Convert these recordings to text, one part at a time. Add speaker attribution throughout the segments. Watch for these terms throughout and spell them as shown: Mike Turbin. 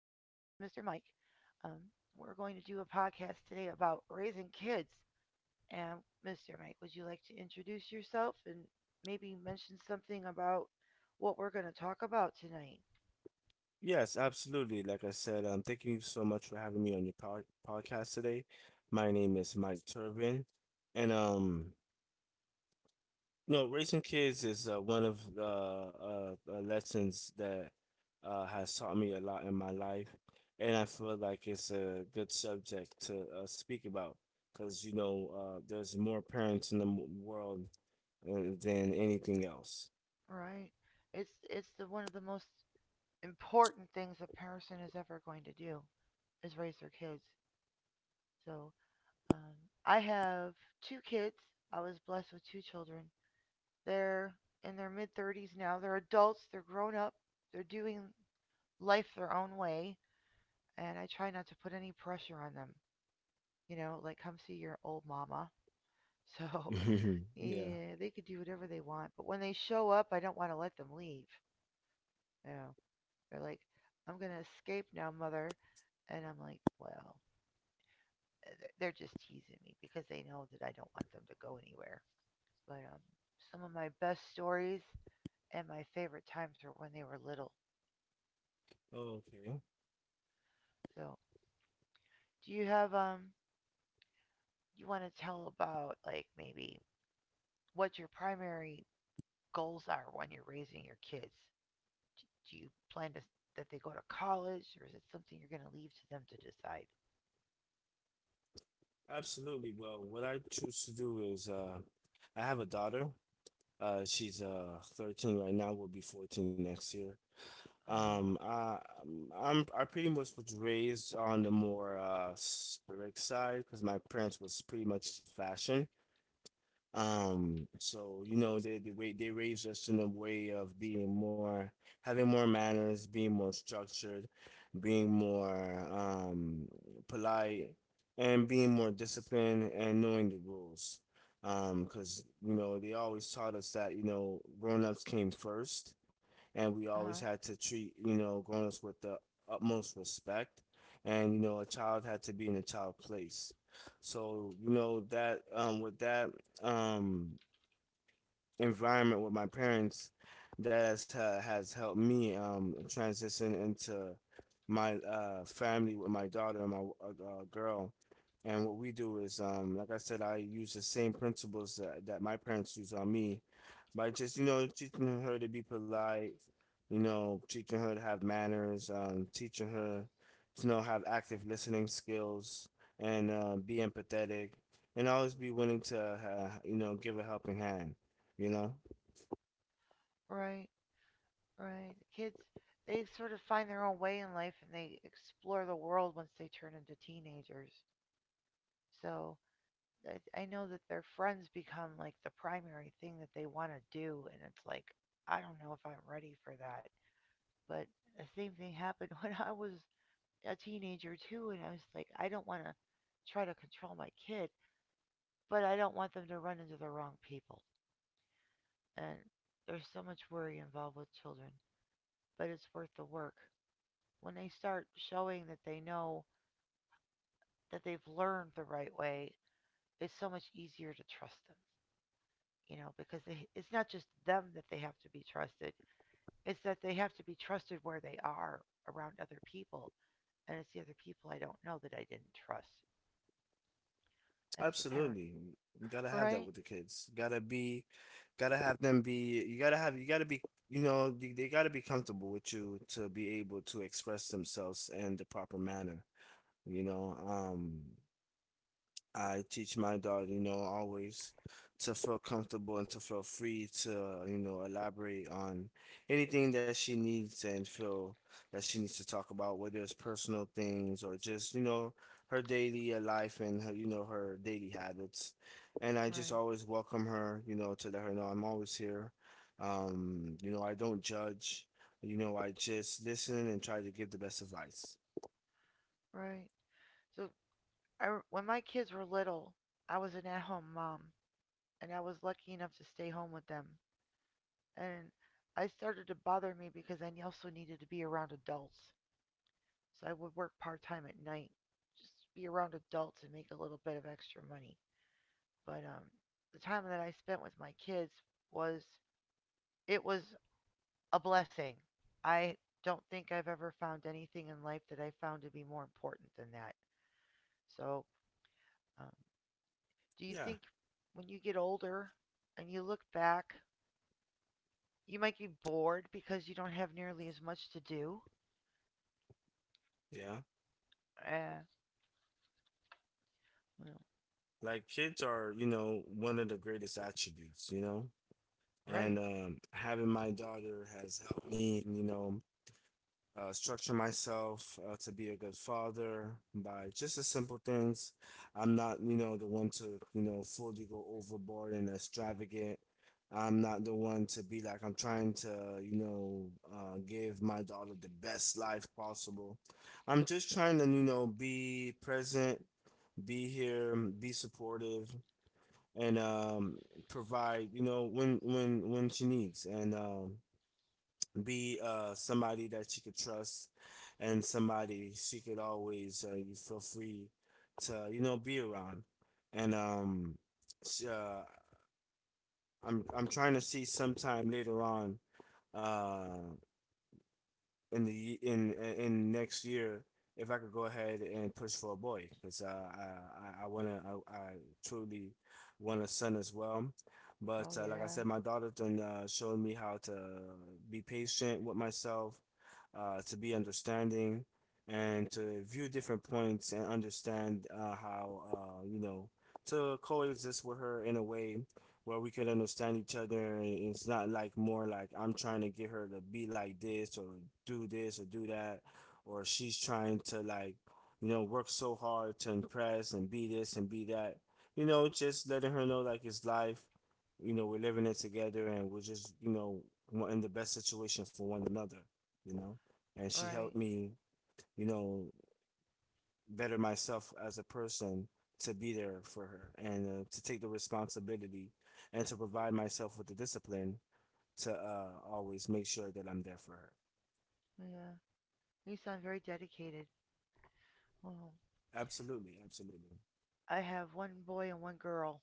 Speaker 1: Mike. Um, we're going to do a podcast today about raising kids. And Mr. Mike, would you like to introduce yourself and maybe mention something about what we're going to talk about tonight?
Speaker 2: Yes, absolutely. Like I said, thank you so much for having me on your podcast today. My name is Mike Turbin, and you know, raising kids is one of the lessons that has taught me a lot in my life, and I feel like it's a good subject to speak about because you know, there's more parents in the world uh, than anything else.
Speaker 1: Right? It's the one of the most important things a person is ever going to do is raise their kids. So um, I have two kids. I was blessed with two children. They're in their mid 30s now. They're adults, they're grown up, they're doing life their own way, and I try not to put any pressure on them. You know, like come see your old mama. So,
Speaker 2: Yeah.
Speaker 1: yeah, they could do whatever they want, but when they show up, I don't want to let them leave. You know, they're like, "I'm going to escape now, mother." And I'm like, "Well, uh, they're just teasing me because they know that I don't want them to go anywhere." But some of my best stories and my favorite times are when they were little.
Speaker 2: Okay.
Speaker 1: So do you have you want to tell about like maybe what your primary goals are when you're raising your kids? Do you plan to that they go to college or is it something you're going to leave to them to decide?
Speaker 2: Absolutely. Well, what I choose to do is I have a daughter. She's 13 right now, will be 14 next year.
Speaker 1: Uh-huh.
Speaker 2: I pretty much was raised on the more strict side because my parents was pretty much fashion. So you know, they raised us in a way of being more, having more manners, being more structured, being more polite, and being more disciplined and knowing the rules. Because you know they always taught us that you know grown-ups came first, and we always
Speaker 1: Uh-huh.
Speaker 2: had to treat you know grown-ups with the utmost respect, and you know a child had to be in a child place. So you know that with that um, environment with my parents that has helped me transition into my family with my daughter and my girl. And what we do is like I said, I use the same principles that my parents use on me by just you know teaching her to be polite, you know teaching her to have manners, teaching her to know have active listening skills and be empathetic and always be willing to you know give a helping hand you know?
Speaker 1: Right. Right. The kids they sort of find their own way in life and they explore the world once they turn into teenagers. So I know that their friends become like the primary thing that they want to do and it's like I don't know if I'm ready for that. But the same thing happened when I was a teenager too, and I was like, I don't want to try to control my kid, but I don't want them to run into the wrong people. And there's so much worry involved with children, but it's worth the work. When they start showing that they know that they've learned the right way, it's so much easier to trust them, you know, because they, it's not just them that they have to be trusted, it's that they have to be trusted where they are around other people. And it's the other people I don't know that I didn't trust. As the parent.
Speaker 2: Absolutely. You gotta have that
Speaker 1: Right?
Speaker 2: with the kids. Gotta be, gotta have them be, you gotta have, you gotta be, you know, they gotta be comfortable with you to be able to express themselves in the proper manner, you know? I teach my daughter, you know, always to feel comfortable and to feel free to, you know, elaborate on anything that she needs and feel that she needs to talk about, whether it's personal things or just, you know, her daily life and her, you know, her daily habits. And I just
Speaker 1: Right.
Speaker 2: always welcome her, you know, to let her know I'm always here. You know, I don't judge, you know, I just listen and try to give the best advice.
Speaker 1: Right. So when my kids were little, I was an at-home mom, and I was lucky enough to stay home with them. And I started to bother me because I also needed to be around adults. So I would work part-time at night, just be around adults and make a little bit of extra money. But The time that I spent with my kids was it was a blessing. I don't think I've ever found anything in life that I found to be more important than that. So Um, do you
Speaker 2: Yeah,
Speaker 1: think when you get older and you look back, you might be bored because you don't have nearly as much to do?
Speaker 2: yeah.
Speaker 1: Uh, well,
Speaker 2: Like kids are, you know, one of the greatest attributes, you know? And
Speaker 1: right.
Speaker 2: having my daughter has helped me, you know, structure myself to be a good father by just the simple things. I'm not, you know, the one to, you know, fully go overboard and extravagant. I'm not the one to be like, I'm trying to, you know, give my daughter the best life possible. I'm just trying to, you know, be present, be here, be supportive, and provide, you know, when she needs. And be somebody that she could trust and somebody she could always you feel free to you know be around and um sh- uh, I'm I'm trying to see sometime later on uh in the in next year if I could go ahead and push for a boy because I want to I truly want a son as well, but
Speaker 1: Oh,
Speaker 2: like I
Speaker 1: yeah.
Speaker 2: said, my daughter done showed me how to be patient with myself, to be understanding, and to view different points and understand how you know to coexist with her in a way where we could understand each other and it's not like more like I'm trying to get her to be like this or do that or she's trying to like you know work so hard to impress and be this and be that you know just letting her know like it's life you know we're living it together and we're just you know we're in the best situation for one another you know and she helped
Speaker 1: Right.
Speaker 2: me you know better myself as a person to be there for her and to take the responsibility and to provide myself with the discipline to always make sure that I'm there for her.
Speaker 1: Yeah. You sound very dedicated. Well,
Speaker 2: Absolutely, absolutely.
Speaker 1: I have one boy and one girl,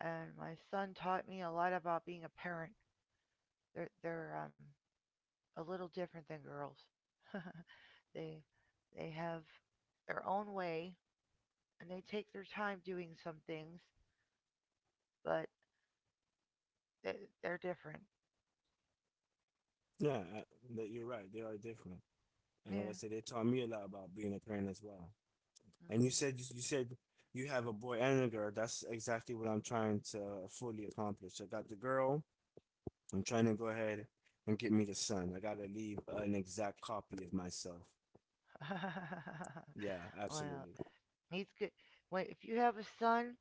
Speaker 1: and my son taught me a lot about being a parent. They're a little different than girls. they, they have their own way, and they take their time doing some things, but they, they're different.
Speaker 2: Yeah, that you're right. They are different, and like I
Speaker 1: Yeah.
Speaker 2: said, they taught me a lot about being a parent as well. And
Speaker 1: Mhm.
Speaker 2: you said you have a boy and a girl. That's exactly what I'm trying to fully accomplish. I got the girl. I'm trying to go ahead and get me the son. I gotta leave an exact copy of myself. Yeah,
Speaker 1: Well,
Speaker 2: absolutely.
Speaker 1: he's good. Wait, if you have a son,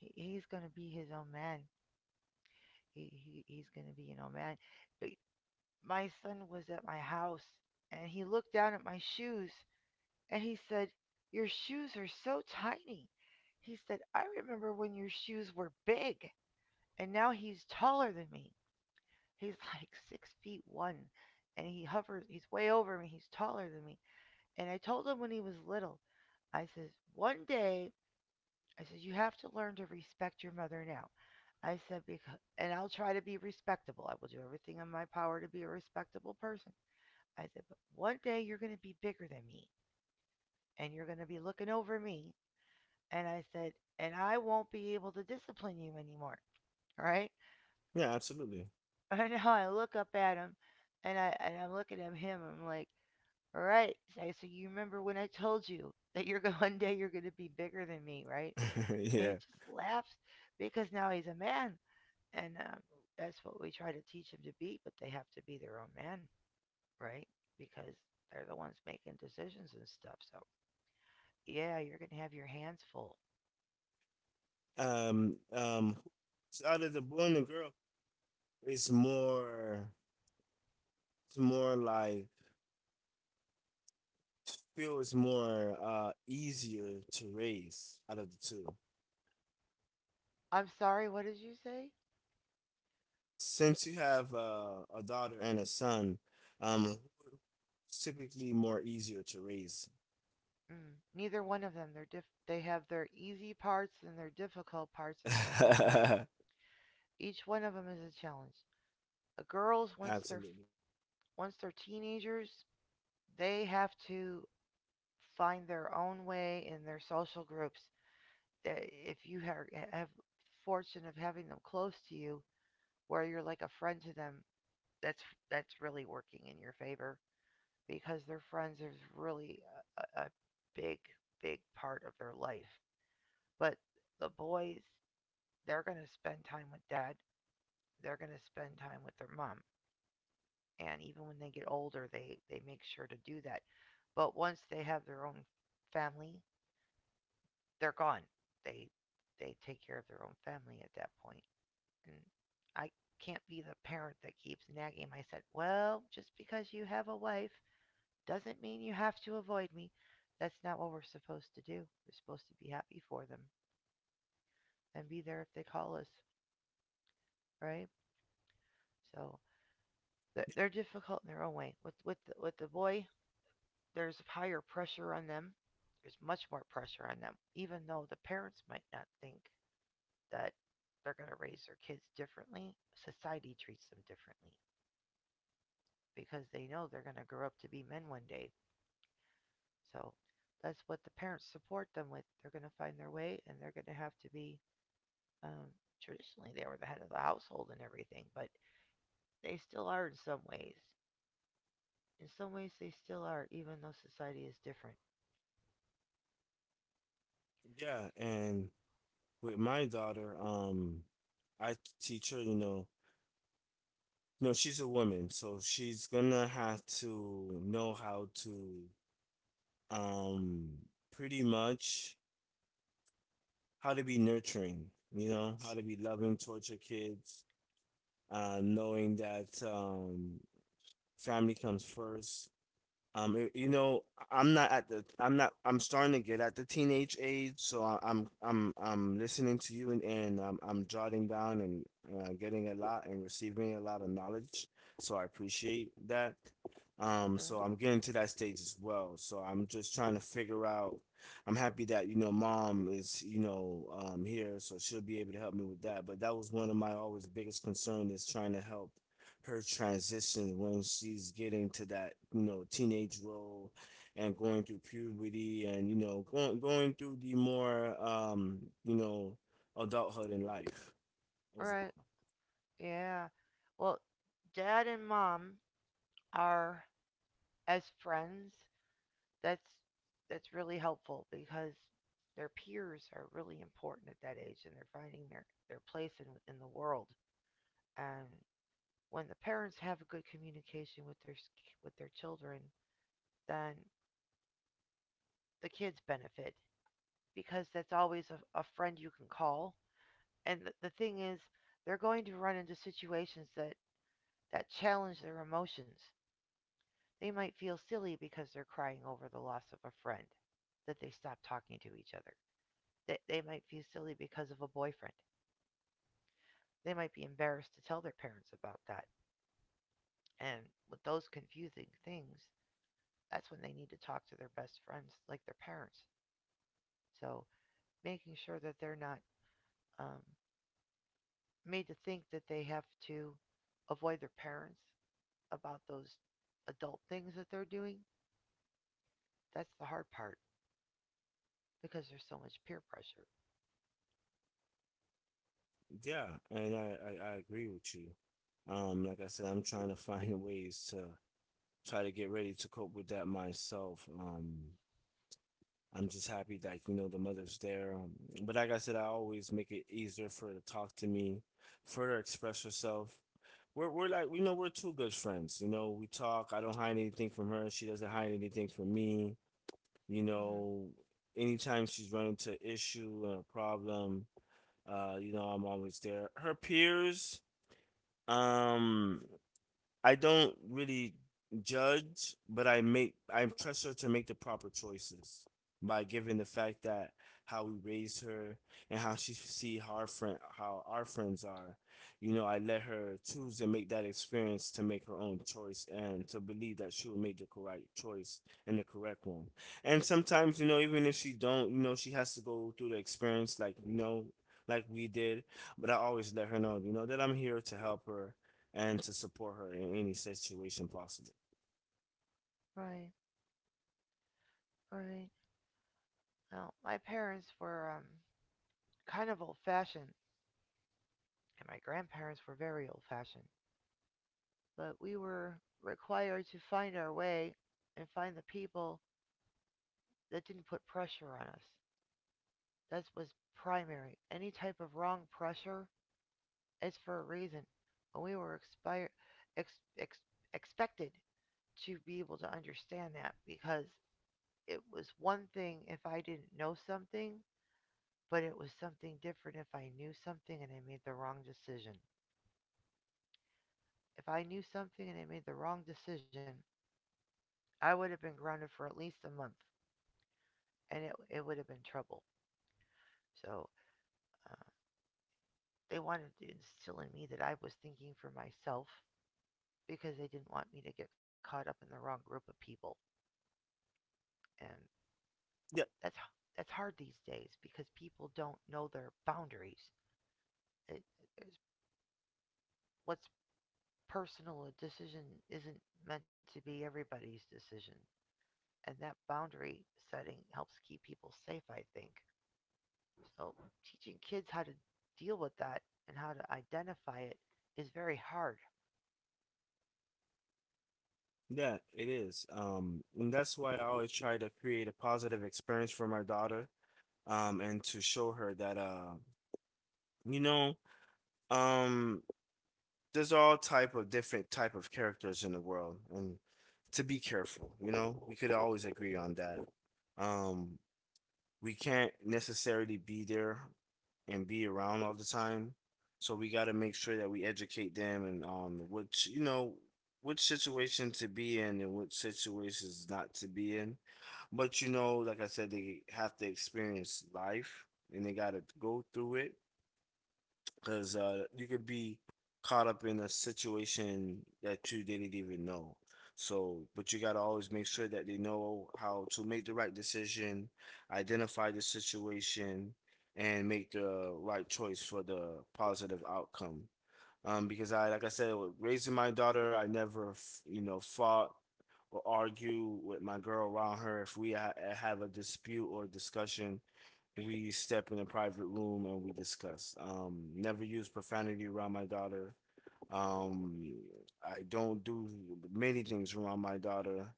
Speaker 1: he's gonna be his own man. He's gonna be an own man. But my son was at my house, and he looked down at my shoes, and he said, "Your shoes are so tiny." He said, "I remember when your shoes were big, and now he's taller than me. He's like 6 feet one, and he hovers. He's way over me. He's taller than me." And I told him when he was little. I says, one day, I says, you have to learn to respect your mother now. I said, because, and I'll try to be respectable. I will do everything in my power to be a respectable person. I said, but one day you're going to be bigger than me and you're going to be looking over me. And I said, and I won't be able to discipline you anymore. Right?
Speaker 2: Yeah, absolutely.
Speaker 1: And now I look up at him and and I'm looking at him. And I'm like, all right. I said, you remember when I told you that you're going, one day you're going to be bigger than me, right? And he
Speaker 2: yeah.
Speaker 1: just laughs because now he's a man. And that's what we try to teach him to be, but they have to be their own man, right? Because they're the ones making decisions and stuff. So, yeah, you're going to have your hands full.
Speaker 2: Um. Um. Out of the boy and the girl, it's more. It's more like feel is more easier to raise out of the two.
Speaker 1: I'm sorry, what did you say?
Speaker 2: Since you have a daughter and a son, um, it's typically more easier to raise.
Speaker 1: Mm, neither one of them. They're they have their easy parts and their difficult parts in their own way. Each one of them is a challenge. The girls,
Speaker 2: absolutely.
Speaker 1: once they're teenagers, they have to find their own way in their social groups. That if you have fortune of having them close to you, where you're like a friend to them, that's that's really working in your favor because their friends is really a big big part of their life. But the boys, they're gonna spend time with dad. They're gonna spend time with their mom, and even when they get older, they make sure to do that. But once they have their own family, they're gone. They they take care of their own family at that point. And I can't be the parent that keeps nagging him. I said, well, just because you have a wife doesn't mean you have to avoid me. That's not what we're supposed to do. We're supposed to be happy for them and be there if they call us, right? So they're difficult in their own way. With with the boy, there's higher pressure on them. There's much more pressure on them, even though the parents might not think that they're going to raise their kids differently. Society treats them differently. Because they know they're going to grow up to be men one day. So that's what the parents support them with. They're going to find their way and they're going to have to be um, traditionally they were the head of the household and everything, but they still are in some ways. In some ways, they still are, even though society is different.
Speaker 2: Yeah, and with my daughter, I teach her, you know, No, she's a woman, so she's gonna have to know how to um pretty much how to be nurturing, you know, how to be loving towards your kids, knowing that family comes first. You know, I'm not at the, I'm not, I'm starting to get at the teenage age, so I'm listening to you and I'm jotting down and getting a lot and receiving a lot of knowledge. So I appreciate that. Um,
Speaker 1: Sure.
Speaker 2: so I'm getting to that stage as well. So I'm just trying to figure out. I'm happy that, you know, mom is, you know, here, so she'll be able to help me with that. But that was one of my always biggest concern is trying to help her transition when she's getting to that you know teenage role and going through puberty and you know going through the more you know adulthood in life overall.
Speaker 1: Right. Yeah. Well, dad and mom are as friends that's that's really helpful because their peers are really important at that age and they're finding their place in the world. And when the parents have a good communication with their children, then the kids benefit because that's always a friend you can call. And the thing is, they're going to run into situations that that challenge their emotions. They might feel silly because they're crying over the loss of a friend that they stopped talking to each other. They might feel silly because of a boyfriend. They might be embarrassed to tell their parents about that. And with those confusing things, that's when they need to talk to their best friends, like their parents. So making sure that they're not um, made to think that they have to avoid their parents about those adult things that they're doing, that's the hard part because there's so much peer pressure.
Speaker 2: Yeah, and I agree with you. Like I said, I'm trying to find ways to try to get ready to cope with that myself. I'm just happy that, you know, the mother's there. But like I said, I always make it easier for her to talk to me, for her to express herself. We're like, you know, we're two good friends. You know, we talk. I don't hide anything from her. She doesn't hide anything from me. You
Speaker 1: Hmm.
Speaker 2: know, anytime she's running to issue or a problem, you know, I'm always there. Her peers, um, I don't really judge, but I trust her to make the proper choices by giving the fact that how we raised her and how she see how our friends are. You know, I let her choose and make that experience to make her own choice and to believe that she will make the correct choice and the correct one. And sometimes, you know, even if she don't, you know, she has to go through the experience like, you know, like we did. But I always let her know, you know, that I'm here to help her and to support her in any situation possible.
Speaker 1: Right, right. Well, my parents were kind of old fashioned, and my grandparents were very old fashioned. But we were required to find our way and find the people that didn't put pressure on us. That was primary. Any type of wrong pressure is for a reason. And we were ex, ex, expected to be able to understand that because it was one thing if I didn't know something, but it was something different if I knew something and I made the wrong decision. If I knew something and I made the wrong decision, I would have been grounded for at least a month. And it would have been trouble. So uh, they wanted to instill in me that I was thinking for myself because they didn't want me to get caught up in the wrong group of people. And
Speaker 2: Yeah,
Speaker 1: that's that's hard these days because people don't know their boundaries. It, it's- what's personal a decision isn't meant to be everybody's decision. And that boundary setting helps keep people safe, I think. So teaching kids how to deal with that and how to identify it is very hard,
Speaker 2: yeah, it is. And that's why I always try to create a positive experience for my daughter, and to show her that you know, um, there's all type of different type of characters in the world, and to be careful, you know, we could always agree on that. Um, we can't necessarily be there and be around all the time. So we got to make sure that we educate them and which you know which situation to be in and which situations not to be in. But you know, like I said, they have to experience life and they got to go through it because you could be caught up in a situation that you didn't even know. So, but you gotta always make sure that they know how to make the right decision, identify the situation, and make the right choice for the positive outcome. Because like I said, with raising my daughter, I never, f- you know, fought or argue with my girl around her. If we have a dispute or discussion, we step in a private room and we discuss. Never use profanity around my daughter. Um, I don't do many things around my daughter.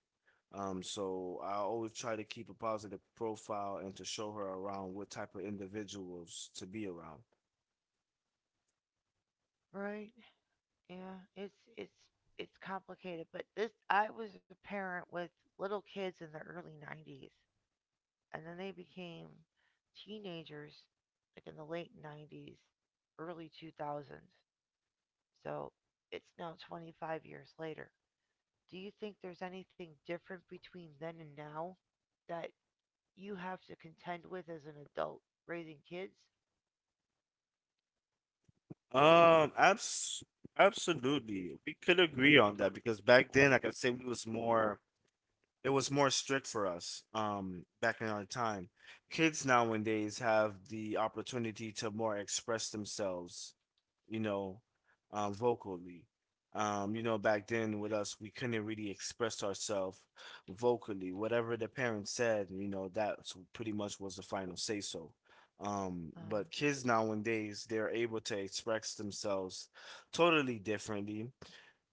Speaker 2: So I always try to keep a positive profile and to show her around what type of individuals to be around.
Speaker 1: right? Yeah, it's complicated, but this I was a parent with little kids in the early 90s and then they became teenagers like in the late 90s, early 2000s. So, it's now 25 years later. Do you think there's anything different between then and now that you have to contend with as an adult raising kids?
Speaker 2: Um, abs absolutely. We could agree on that because back then, like I say, we was more it was more strict for us, back in our time. Kids nowadays have the opportunity to more express themselves you know, vocally. You know, back then with us, we couldn't really express ourselves vocally. Whatever the parents said, you know, that's pretty much was the final say so.
Speaker 1: Uh,
Speaker 2: But kids nowadays, they're able to express themselves totally differently,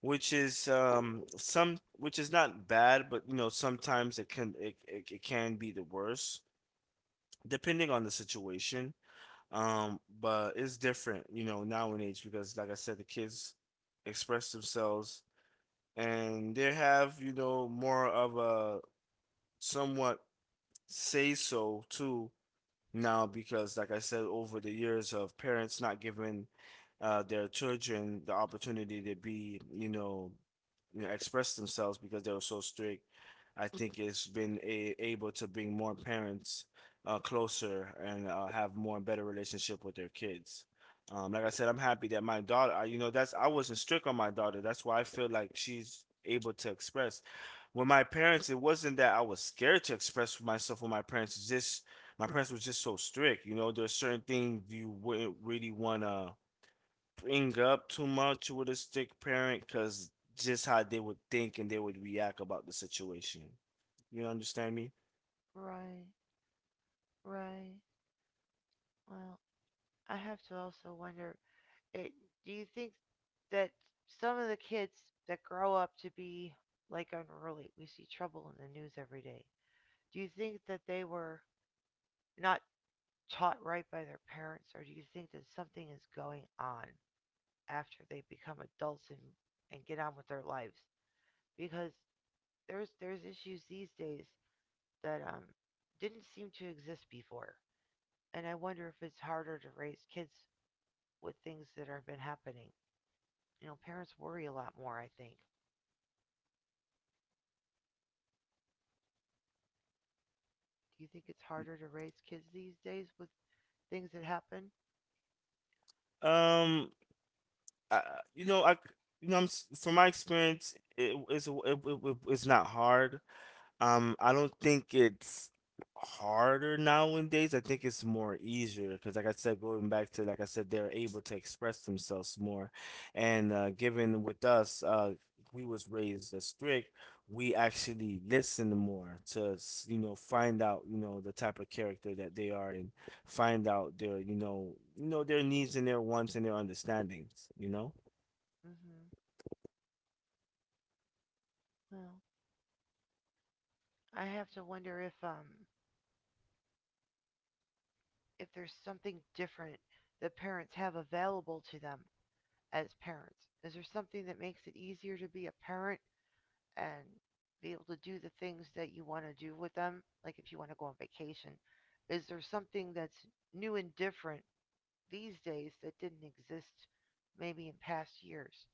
Speaker 2: which is some which is not bad, but you know sometimes it can it can be the worst depending on the situation, but it's different, you know, now in age because, like I said, the kids express themselves and they have, you know, more of a somewhat say so too now because, like I said, over the years of parents not giving their children the opportunity to be, express themselves because they were so strict. I think it's been a able to bring more parents closer, and have more better relationship with their kids. Like I said, I'm happy that my daughter, I, you know, that's I wasn't strict on my daughter. That's why I feel like she's able to express. With my parents, it wasn't that I was scared to express myself with my parents. It's just my parents was just so strict. You know, there's certain things you wouldn't really want to bring up too much with a strict parent because just how they would think and they would react about the situation. You understand me?
Speaker 1: right. Right. Well, I have to also wonder it, do you think that some of the kids that grow up to be like unruly, we see trouble in the news every day. Do you think that they were not taught right by their parents, or do you think that something is going on after they become adults and get on with their lives? Because there's issues these days that didn't seem to exist before, and I wonder if it's harder to raise kids with things that have been happening. You know, parents worry a lot more, I think. Do you think it's harder to raise kids these days with things that happen?
Speaker 2: Um, I, you know, I, I'm from my experience, it, it's it, it, it's not hard. I don't think it's harder nowadays. I think it's more easier because, like I said, going back to like I said, they're able to express themselves more. And given with us, we was raised as strict. We actually listen more to you know find out you know the type of character that they are, and find out their you know their needs and their wants and their understandings. You know.
Speaker 1: hmm Well, I have to wonder if there's something different that parents have available to them as parents. Is there something that makes it easier to be a parent and be able to do the things that you want to do with them? Like if you want to go on vacation, is there something that's new and different these days that didn't exist maybe in past years?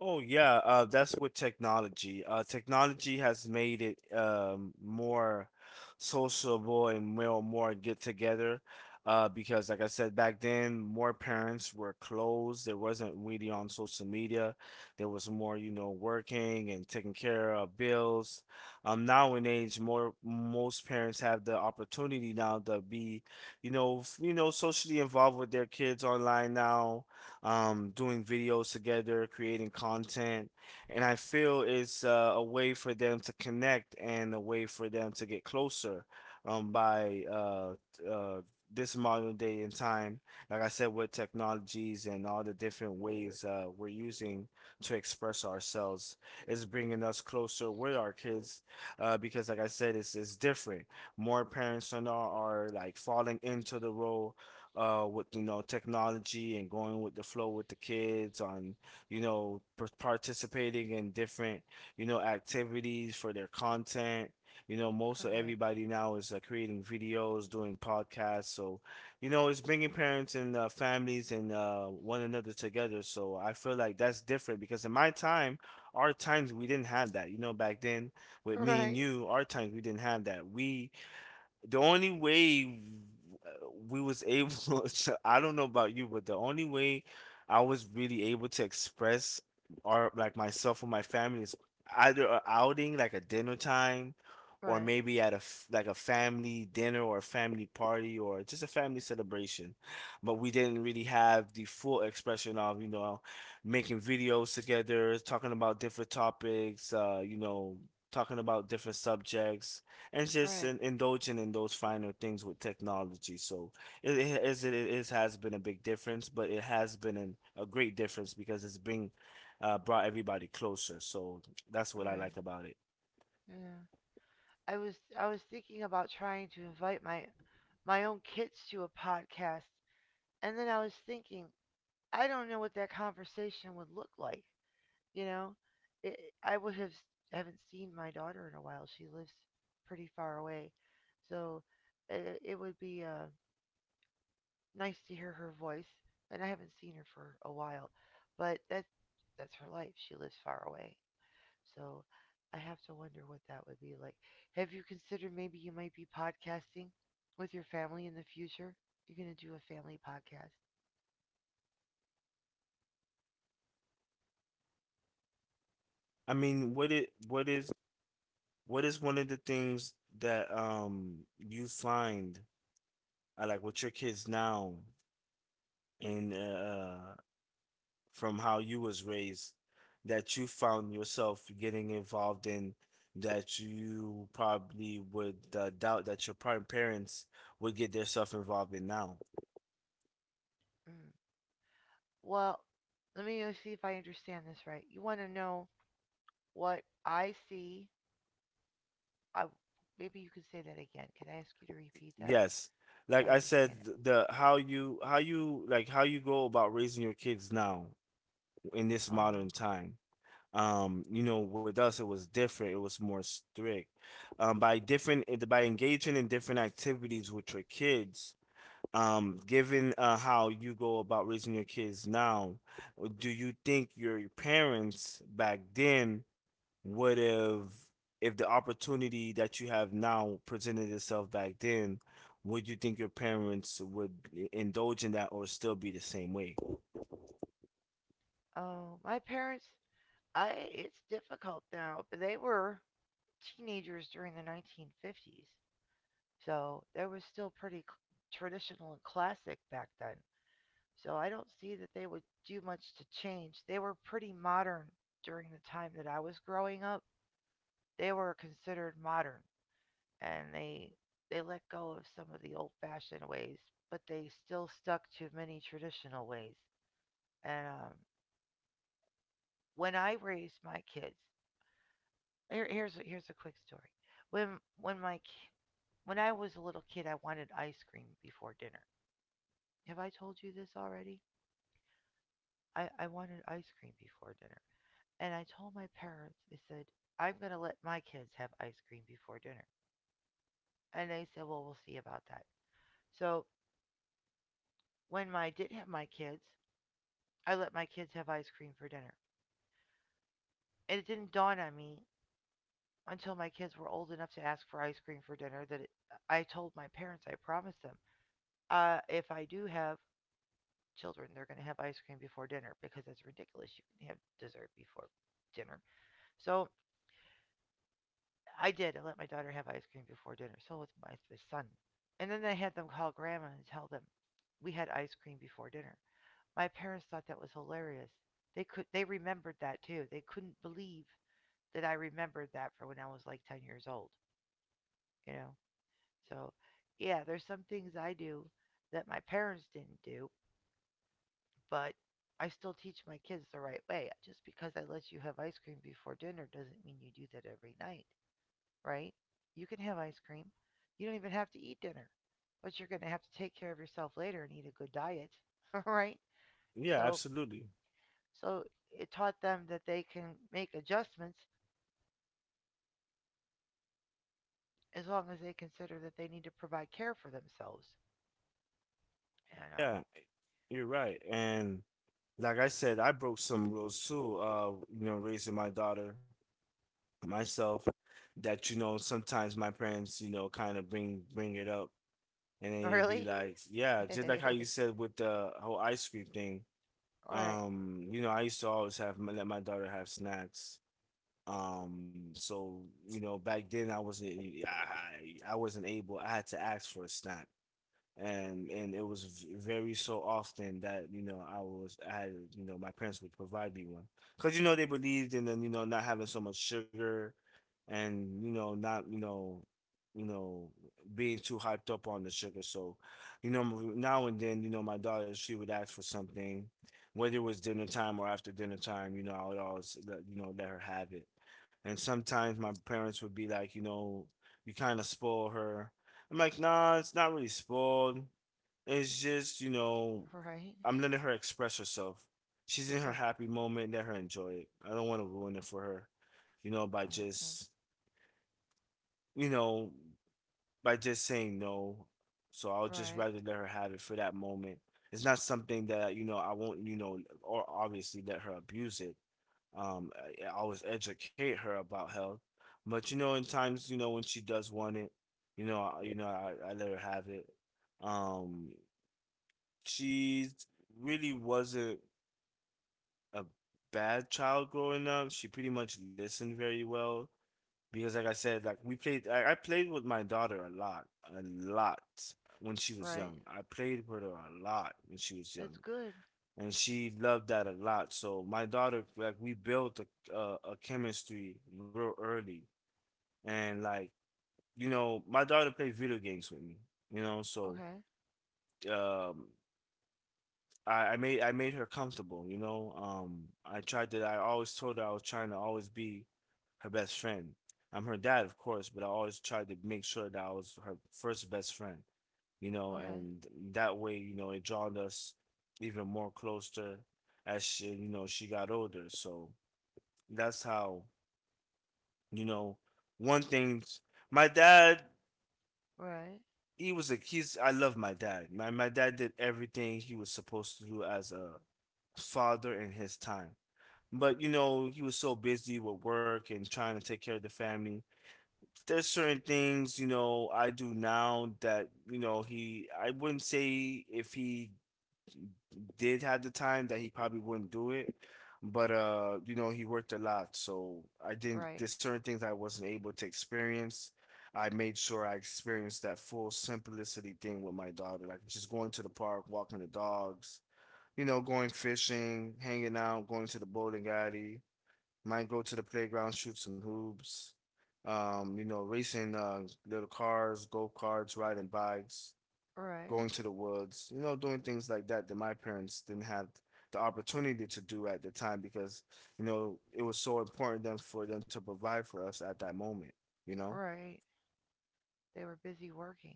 Speaker 2: Oh yeah, that's with technology. Technology has made it more sociable and more get together. Because like I said back then, more parents were closed. There wasn't really on social media. There was more, you know, working and taking care of bills. Now in age, more most parents have the opportunity now to be, you know, socially involved with their kids online now, doing videos together, creating content. And I feel it's a way for them to connect and a way for them to get closer, by uh, this modern day and time. Like I said, with technologies and all the different ways we're using to express ourselves is bringing us closer with our kids, because, like I said, it's different. More parents are, now are like falling into the role with you know technology and going with the flow with the kids on you know participating in different you know activities for their content. You know most of
Speaker 1: Right.
Speaker 2: everybody now is creating videos doing podcasts, so you know it's bringing parents and families and one another together. So I feel like that's different because in my time our times we didn't have that you know back then with me
Speaker 1: Right.
Speaker 2: and you our times we didn't have that we the only way we was able to, I don't know about you, but the only way I was really able to express or like myself or my family is either a outing like a dinner time, or
Speaker 1: Right.
Speaker 2: maybe at a like a family dinner or a family party or just a family celebration. But we didn't really have the full expression of, you know, making videos together, talking about different topics, you know, talking about different subjects and just
Speaker 1: Right.
Speaker 2: indulging in those finer things with technology. So it is has been a big difference, but it has been an, a great difference because it's bring brought everybody closer. So that's what I
Speaker 1: Right.
Speaker 2: like about it.
Speaker 1: Yeah. I was thinking about trying to invite my own kids to a podcast, and then I was thinking I don't know what that conversation would look like. You know, it, I would have haven't seen my daughter in a while. She lives pretty far away, so it would be nice to hear her voice. And I haven't seen her for a while, but that's her life. She lives far away, so I have to wonder what that would be like. Have you considered maybe you might be podcasting with your family in the future? You're going to do a family podcast.
Speaker 2: I mean, what is one of the things that you find like with your kids now in from how you was raised that you found yourself getting involved in that you probably would doubt that your parents would get themselves involved in now.
Speaker 1: Mm. Well, let me see if I understand this right. You want to know what I see. I Maybe you could say that again. Can I ask you to repeat that
Speaker 2: Yes.
Speaker 1: so I
Speaker 2: Like I
Speaker 1: understand
Speaker 2: said,
Speaker 1: it?
Speaker 2: the how you go about raising your kids now in this
Speaker 1: Oh,
Speaker 2: modern time. You know, with us it was different. It was more strict. By different by engaging in different activities with your kids, given how you go about raising your kids now, do you think your parents back then would have, if the opportunity that you have now presented itself back then, would you think your parents would indulge in that or still be the same way?
Speaker 1: oh, my parents. I It's difficult now, but they were teenagers during the 1950s. So they were still pretty traditional and classic back then. So I don't see that they would do much to change. They were pretty modern during the time that I was growing up. They were considered modern and they let go of some of the old-fashioned ways, but they still stuck to many traditional ways. And when I raised my kids, here's a quick story. When when my ki- when I was a little kid, I wanted ice cream before dinner. Have I told you this already? I wanted ice cream before dinner. And I told my parents, I said, I'm going to let my kids have ice cream before dinner. And they said, well, we'll see about that. So when I did have my kids, I let my kids have ice cream for dinner. And it didn't dawn on me until my kids were old enough to ask for ice cream for dinner that I told my parents, I promised them, if I do have children, they're going to have ice cream before dinner because that's ridiculous. You can have dessert before dinner. So I did. I let my daughter have ice cream before dinner. So with my son. And then I had them call grandma and tell them we had ice cream before dinner. My parents thought that was hilarious. They remembered that too. They couldn't believe that I remembered that for when I was like 10 years old, you know. So, yeah, there's some things I do that my parents didn't do, but I still teach my kids the right way. Just because I let you have ice cream before dinner doesn't mean you do that every night. Right? You can have ice cream. You don't even have to eat dinner, but you're going to have to take care of yourself later and eat a good diet, right?
Speaker 2: Yeah,
Speaker 1: So,
Speaker 2: absolutely.
Speaker 1: so, it taught them that they can make adjustments as long as they consider that they need to provide care for themselves. And
Speaker 2: Yeah, you're right. And like I said, I broke some rules too, you know, raising my daughter myself, that you know, sometimes my parents, you know, kind of bring it up and then you'd be
Speaker 1: really,
Speaker 2: like, yeah,
Speaker 1: all
Speaker 2: just like how you said with the whole ice cream thing.
Speaker 1: right,
Speaker 2: You know, I used to always have my, let my daughter have snacks. So you know, back then I wasn't I wasn't able, I had to ask for a snack, and it was very so often that you know I had you know my parents would provide me one because you know they believed in them you know not having so much sugar, and you know not you know you know being too hyped up on the sugar. So you know now and then you know my daughter she would ask for something, whether it was dinner time or after dinner time, you know I would always let, you know let her have it. And sometimes my parents would be like you know you kind of spoil her. I'm like, nah, it's not really spoiled. It's just, you know,
Speaker 1: right,
Speaker 2: I'm letting her express herself. She's in her
Speaker 1: uh,
Speaker 2: happy moment. Let her enjoy it. I don't want to ruin it for her, you know,
Speaker 1: uh,
Speaker 2: you know, by just saying no. So I'll just
Speaker 1: right,
Speaker 2: rather let her have it for that moment. It's not something that, you know, I won't, you know, or obviously let her abuse it. I always educate her about health, but you know, in times, you know, when she does want it, you know, I let her have it. Um, she really wasn't a bad child growing up. She pretty much listened very well because, like I said, like we played. I played with my daughter a lot when she was
Speaker 1: right.
Speaker 2: young. I played with her a lot when she was
Speaker 1: That's
Speaker 2: young,
Speaker 1: good.
Speaker 2: and she loved that a lot. So my daughter, like, we built a chemistry real early, and like, you know, my daughter played video games with me, you know, so
Speaker 1: Okay,
Speaker 2: um, I made her comfortable, you know. I tried to. I always told her I was trying to always be her best friend. I'm her dad, of course, but I always tried to make sure that I was her first best friend, you know.
Speaker 1: okay,
Speaker 2: And that way, you know, it drawn us even more closer as she, you know, she got older. So that's how, you know, one thing. My dad,
Speaker 1: right,
Speaker 2: he was a he's. I love my dad. My dad did everything he was supposed to do as a father in his time, but you know he was so busy with work and trying to take care of the family. There's certain things you know I do now that you know he I wouldn't say if he did have the time that he probably wouldn't do it, but you know he worked a lot. So I didn't
Speaker 1: right,
Speaker 2: there's certain things I wasn't able to experience. I made sure I experienced that full simplicity thing with my daughter, like just going to the park, walking the dogs, you know going fishing, hanging out, going to the bowling alley, might go to the playground, shoot some hoops. You know, racing little cars, go karts, riding bikes,
Speaker 1: right,
Speaker 2: going to the woods, you know, doing things like that that my parents didn't have the opportunity to do at the time because, you know, it was so important then for them to provide for us at that moment, you know?
Speaker 1: right. They were busy working.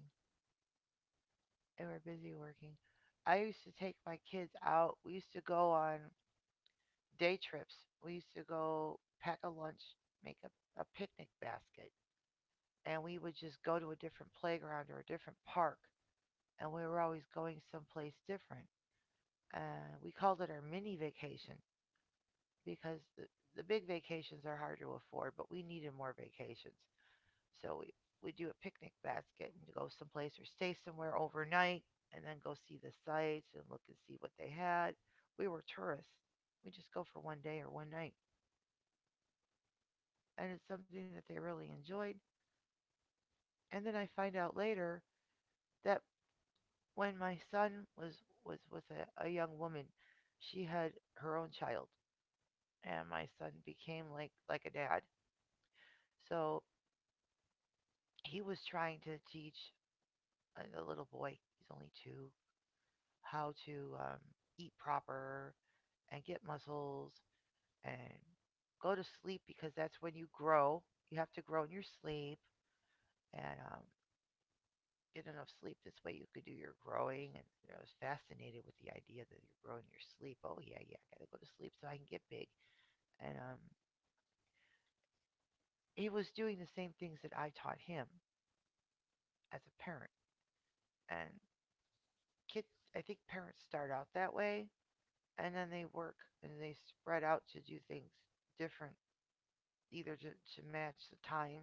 Speaker 1: They were busy working. I used to take my kids out. We used to go on day trips. We used to go pack a lunch, make a picnic basket, and we would just go to a different playground or a different park. And we were always going someplace different. And we called it our mini vacation because the big vacations are hard to afford, but we needed more vacations. So we do a picnic basket and go someplace or stay somewhere overnight and then go see the sights and look and see what they had. We were tourists. We just go for one day or one night. And it's something that they really enjoyed. And then I find out later that when my son was with a young woman, she had her own child. And my son became like a dad. So he was trying to teach a little boy, he's only 2, how to eat proper and get muscles and go to sleep because that's when you grow. You have to grow in your sleep and get enough sleep. This way you could do your growing. And you know, I was fascinated with the idea that you're growing your sleep. Oh yeah, yeah, I gotta go to sleep so I can get big. And he was doing the same things that I taught him as a parent. And kids, I think parents start out that way, and then they work and they spread out to do things different, either to match the times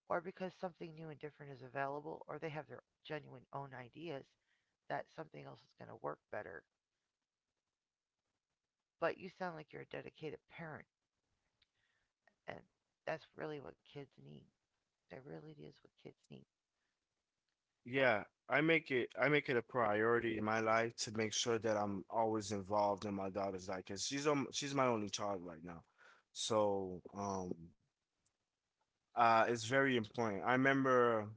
Speaker 1: or because something new and different is available, or they have their genuine own ideas that something else is going to work better. But you sound like you're a dedicated parent, and that's really what kids need. That really is what kids need. So,
Speaker 2: Yeah, I make it a priority in my life to make sure that I'm always involved in my daughter's life because she's my only child right now. So, it's very important. I remember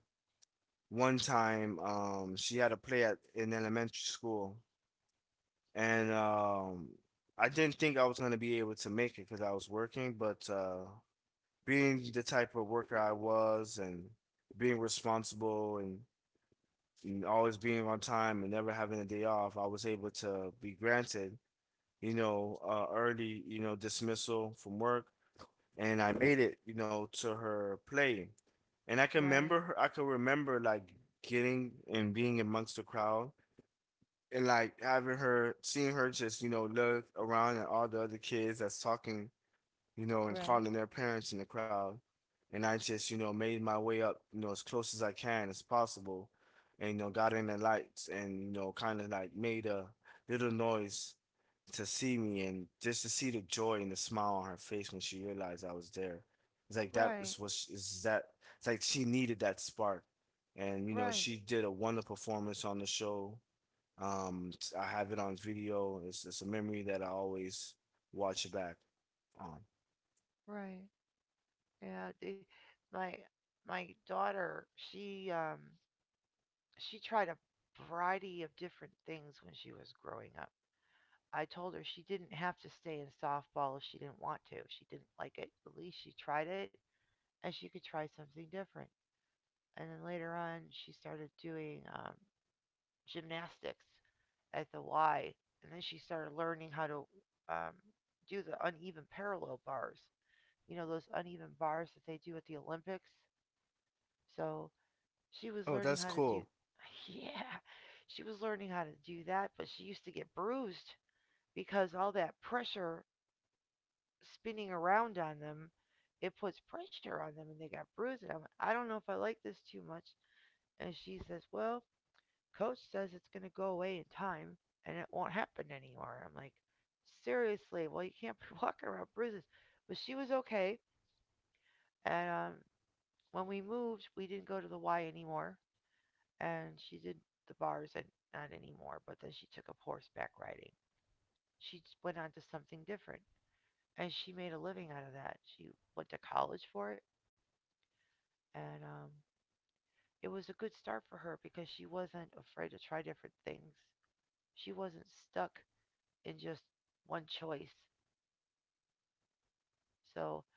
Speaker 2: one time she had a play at in elementary school and I didn't think I was gonna be able to make it because I was working, but being the type of worker I was and being responsible and always being on time and never having a day off, I was able to be granted, you know, early, you know, dismissal from work and I made it, you know, to her play. And I can
Speaker 1: right,
Speaker 2: remember her, I can remember like getting and being amongst the crowd and like having her, seeing her just, you know, look around at all the other kids that's talking, you know, and
Speaker 1: right,
Speaker 2: calling their parents in the crowd. And I just, you know, made my way up, you know, as close as I can as possible and, you know, got in the lights and, you know, kind of like made a little noise to see me and just to see the joy and the smile on her face when she realized I was there. It's like that was
Speaker 1: right,
Speaker 2: what she, is that it's like she needed that spark. And you know,
Speaker 1: right,
Speaker 2: she did a wonderful performance on the show. Um I have it on video. It's a memory that I always watch back on.
Speaker 1: right. Yeah, my my daughter, she tried a variety of different things when she was growing up. I told her she didn't have to stay in softball if she didn't want to. If she didn't like it, at least she tried it and she could try something different. And then later on, she started doing gymnastics at the Y. And then she started learning how to um, do the uneven parallel bars, you know, those uneven bars that they do at the Olympics. So she was
Speaker 2: Oh,
Speaker 1: learning
Speaker 2: that's
Speaker 1: how to do,
Speaker 2: cool.
Speaker 1: yeah, she was learning how to do that, but she used to get bruised because all that pressure spinning around on them, it puts pressure on them and they got bruises. And I'm like, I don't know if I like this too much. And she says, well, coach says it's going to go away in time and it won't happen anymore. I'm like, seriously, well, you can't be walking around bruises. But she was okay. And when we moved, we didn't go to the Y anymore. And she did the bars and not anymore, but then she took up horseback riding. She went on to something different. And she made a living out of that. She went to college for it. And it was a good start for her because she wasn't afraid to try different things. She wasn't stuck in just one choice. So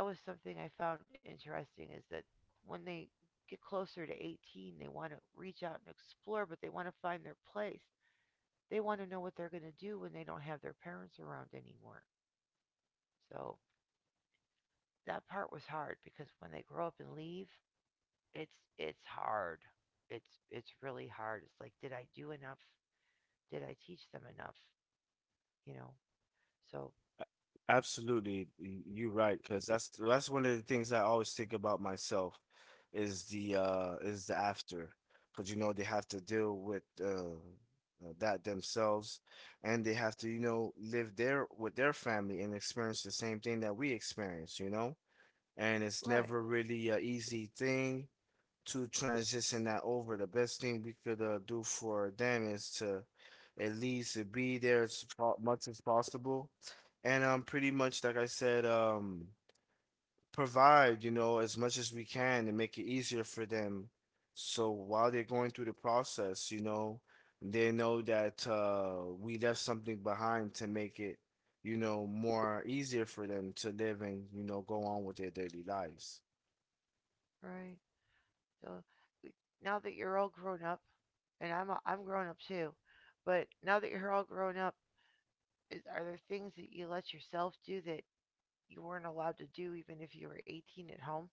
Speaker 1: that was something I found interesting is that when they get closer to 18, they want to reach out and explore, but they want to find their place. They want to know what they're going to do when they don't have their parents around anymore. So that part was hard because when they grow up and leave, it's hard. It's really hard. It's like did I do enough did I teach them enough? You know, so
Speaker 2: Absolutely, you're right, because that's one of the things I always think about myself is the after, because you know they have to deal with that themselves, and they have to you know live there with their family and experience the same thing that we experience, you know, and it's
Speaker 1: right,
Speaker 2: never really a easy thing to transition that over. The best thing we could do for them is to at least be there as much as possible, and pretty much like I said, provide you know as much as we can to make it easier for them. So while they're going through the process, you know, they know that we left something behind to make it, you know, more easier for them to live and you know go on with their daily lives.
Speaker 1: right. So now that you're all grown up, and I'm grown up too, but now that you're all grown up, are there things that you let yourself do that you weren't allowed to do even if you were 18 at home?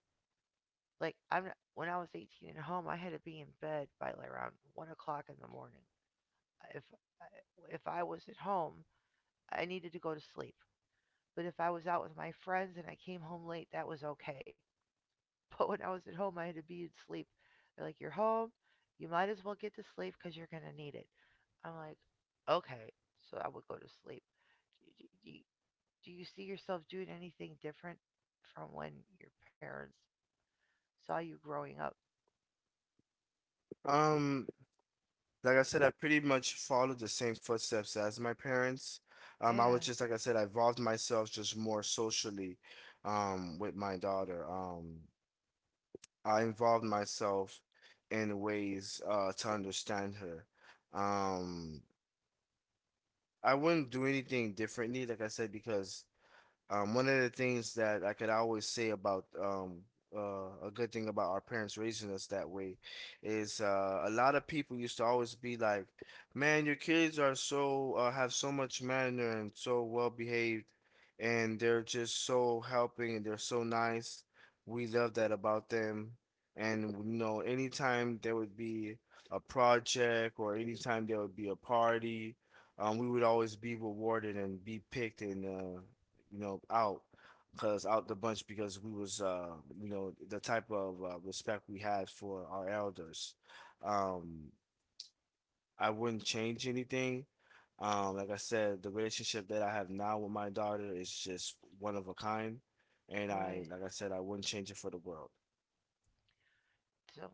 Speaker 1: Like I'm not, when I was 18 at home, I had to be in bed by like around 1 o'clock in the morning. If if I was at home, I needed to go to sleep. But if I was out with my friends and I came home late, that was okay. But when I was at home, I had to be in sleep. They're like, you're home. You might as well get to sleep because you're going to need it. I'm like, okay. So I would go to sleep. Do, do, do you see yourself doing anything different from when your parents saw you growing up?
Speaker 2: Um, Like I said, I pretty much followed the same footsteps as my parents. I
Speaker 1: Yeah,
Speaker 2: was just like I said, I involved myself just more socially, with my daughter. I involved myself in ways to understand her. Um, I wouldn't do anything differently, like I said, because one of the things that I could always say about a good thing about our parents raising us that way is a lot of people used to always be like, "Man, your kids are so have so much manner and so well behaved, and they're just so helping and they're so nice. We love that about them." And you know, anytime there would be a project or anytime there would be a party we would always be rewarded and be picked and uh, you know, out because out the bunch because we was you know the type of respect we had for our elders. Um, I wouldn't change anything. Like I said, the relationship that I have now with my daughter is just one of a kind, and I
Speaker 1: right.
Speaker 2: like I said, I wouldn't change it for the world.
Speaker 1: So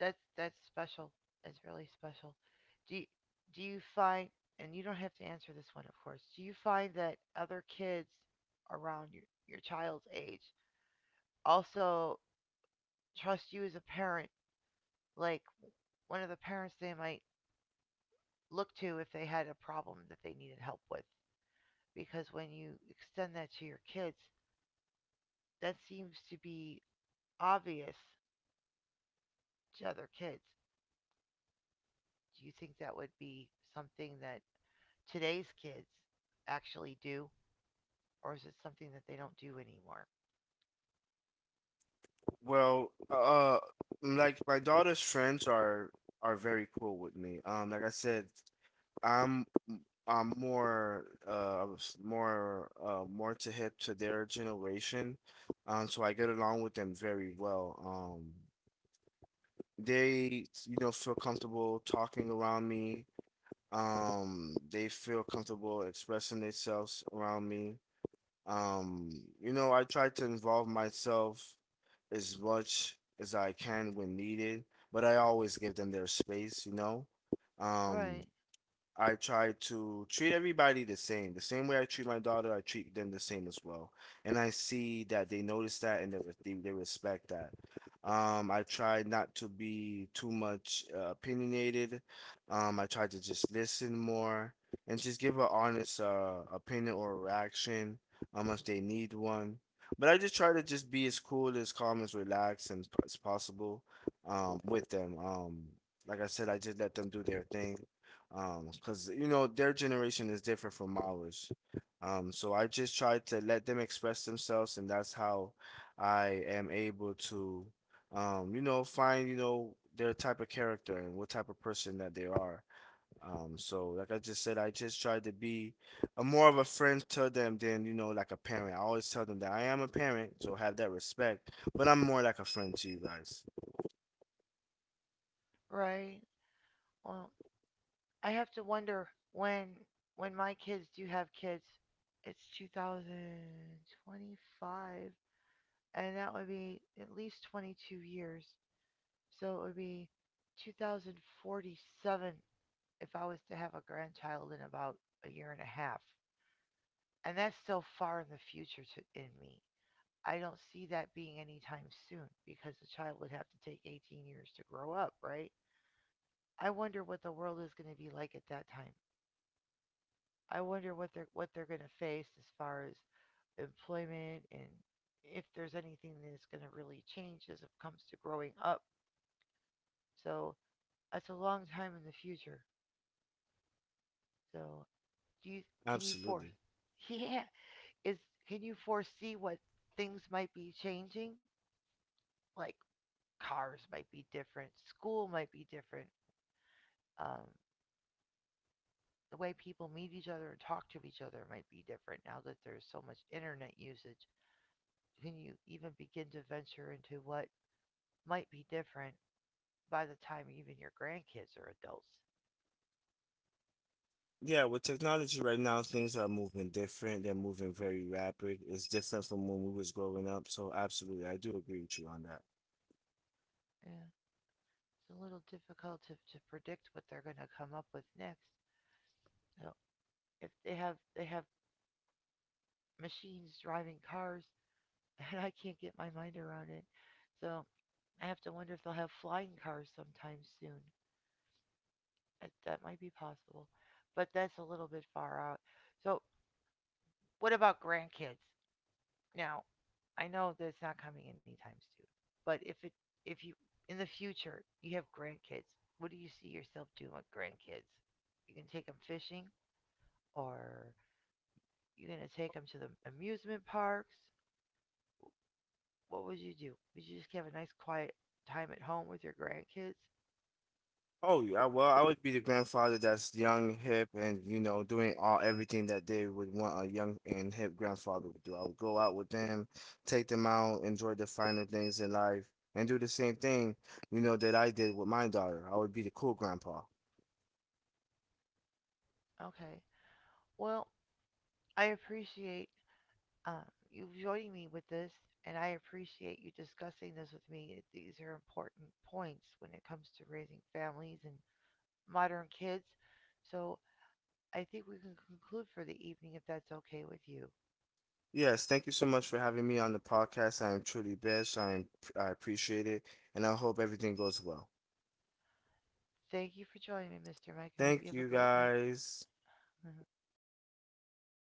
Speaker 1: that's special. It's really special. Do you, do you find and you don't have to answer this one, of course. Do you find that other kids around your child's age also trust you as a parent, like one of the parents they might look to if they had a problem that they needed help with. Because when you extend that to your kids, that seems to be obvious to other kids. Do you think that would be something that today's kids actually do, or is it something that they don't do anymore?
Speaker 2: Well, like my daughter's friends are very cool with me. Like I said, I'm i I'm more more more to hip to their generation. So I get along with them very well. They you know feel comfortable talking around me. They feel comfortable expressing themselves around me. Um, you know, I try to involve myself as much as I can when needed, but I always give them their space, you know. Um,
Speaker 1: Right,
Speaker 2: I try to treat everybody the same. The same way I treat my daughter, I treat them the same as well. And I see that they notice that and they they respect that. I try not to be too much opinionated. I try to just listen more and just give an honest opinion or reaction if they need one. But I just try to just be as cool, as calm, as relaxed and as possible with them. Like I said, I just let them do their thing because you know their generation is different from ours so I just try to let them express themselves and that's how I am able to you know find you know their type of character and what type of person that they are so like I just said I just try to be a more of a friend to them than you know like a parent. I always tell them that I am a parent so have that respect but I'm more like a friend to you guys.
Speaker 1: right. Well, I have to wonder when my kids do have kids. It's 2025. And that would be at least 22 years. So it would be 2047 if I was to have a grandchild in about a year and a half. And that's still far in the future in me. I don't see that being anytime soon because the child would have to take 18 years to grow up, right? I wonder what the world is going to be like at that time. I wonder what they're going to face as far as employment and if there's anything that's going to really change as it comes to growing up. So that's a long time in the future. So, do you can you for
Speaker 2: Absolutely.
Speaker 1: yeah, is can you foresee what things might be changing? Like cars might be different, school might be different, um, the way people meet each other and talk to each other might be different now that there's so much internet usage. Can you even begin to venture into what might be different by the time even your grandkids are adults?
Speaker 2: Yeah, with technology right now, things are moving different. They're moving very rapid. It's different from when we was growing up. So absolutely, I do agree with you on that.
Speaker 1: Yeah, it's a little difficult to predict what they're going to come up with next. So if they have machines driving cars and I can't get my mind around it. So I have to wonder if they'll have flying cars sometime soon. That might be possible, but that's a little bit far out. So what about grandkids? Now I know that it's not coming anytime soon, but if it if you in the future you have grandkids, what do you see yourself doing with grandkids? You can take them fishing, or you're gonna take them to the amusement parks, what would you do? Would you just have a nice quiet time at home with your grandkids?
Speaker 2: Oh yeah, well, I would be the grandfather that's young, hip, and you know, doing all everything that they would want a young and hip grandfather would do. I would go out with them, take them out, enjoy the finer things in life, and do the same thing, you know, that I did with my daughter. I would be the cool grandpa.
Speaker 1: Okay. Well, I appreciate um, you joining me with this, and I appreciate you discussing this with me. These are important points when it comes to raising families and modern kids. So I think we can conclude for the evening if that's okay with you.
Speaker 2: Yes, thank you so much for having me on the podcast. I am truly blessed. I am, I appreciate it, and I hope everything goes well.
Speaker 1: Thank you for joining me, Mr. Mike. I hope you
Speaker 2: Thank
Speaker 1: have a
Speaker 2: you
Speaker 1: great night.
Speaker 2: guys.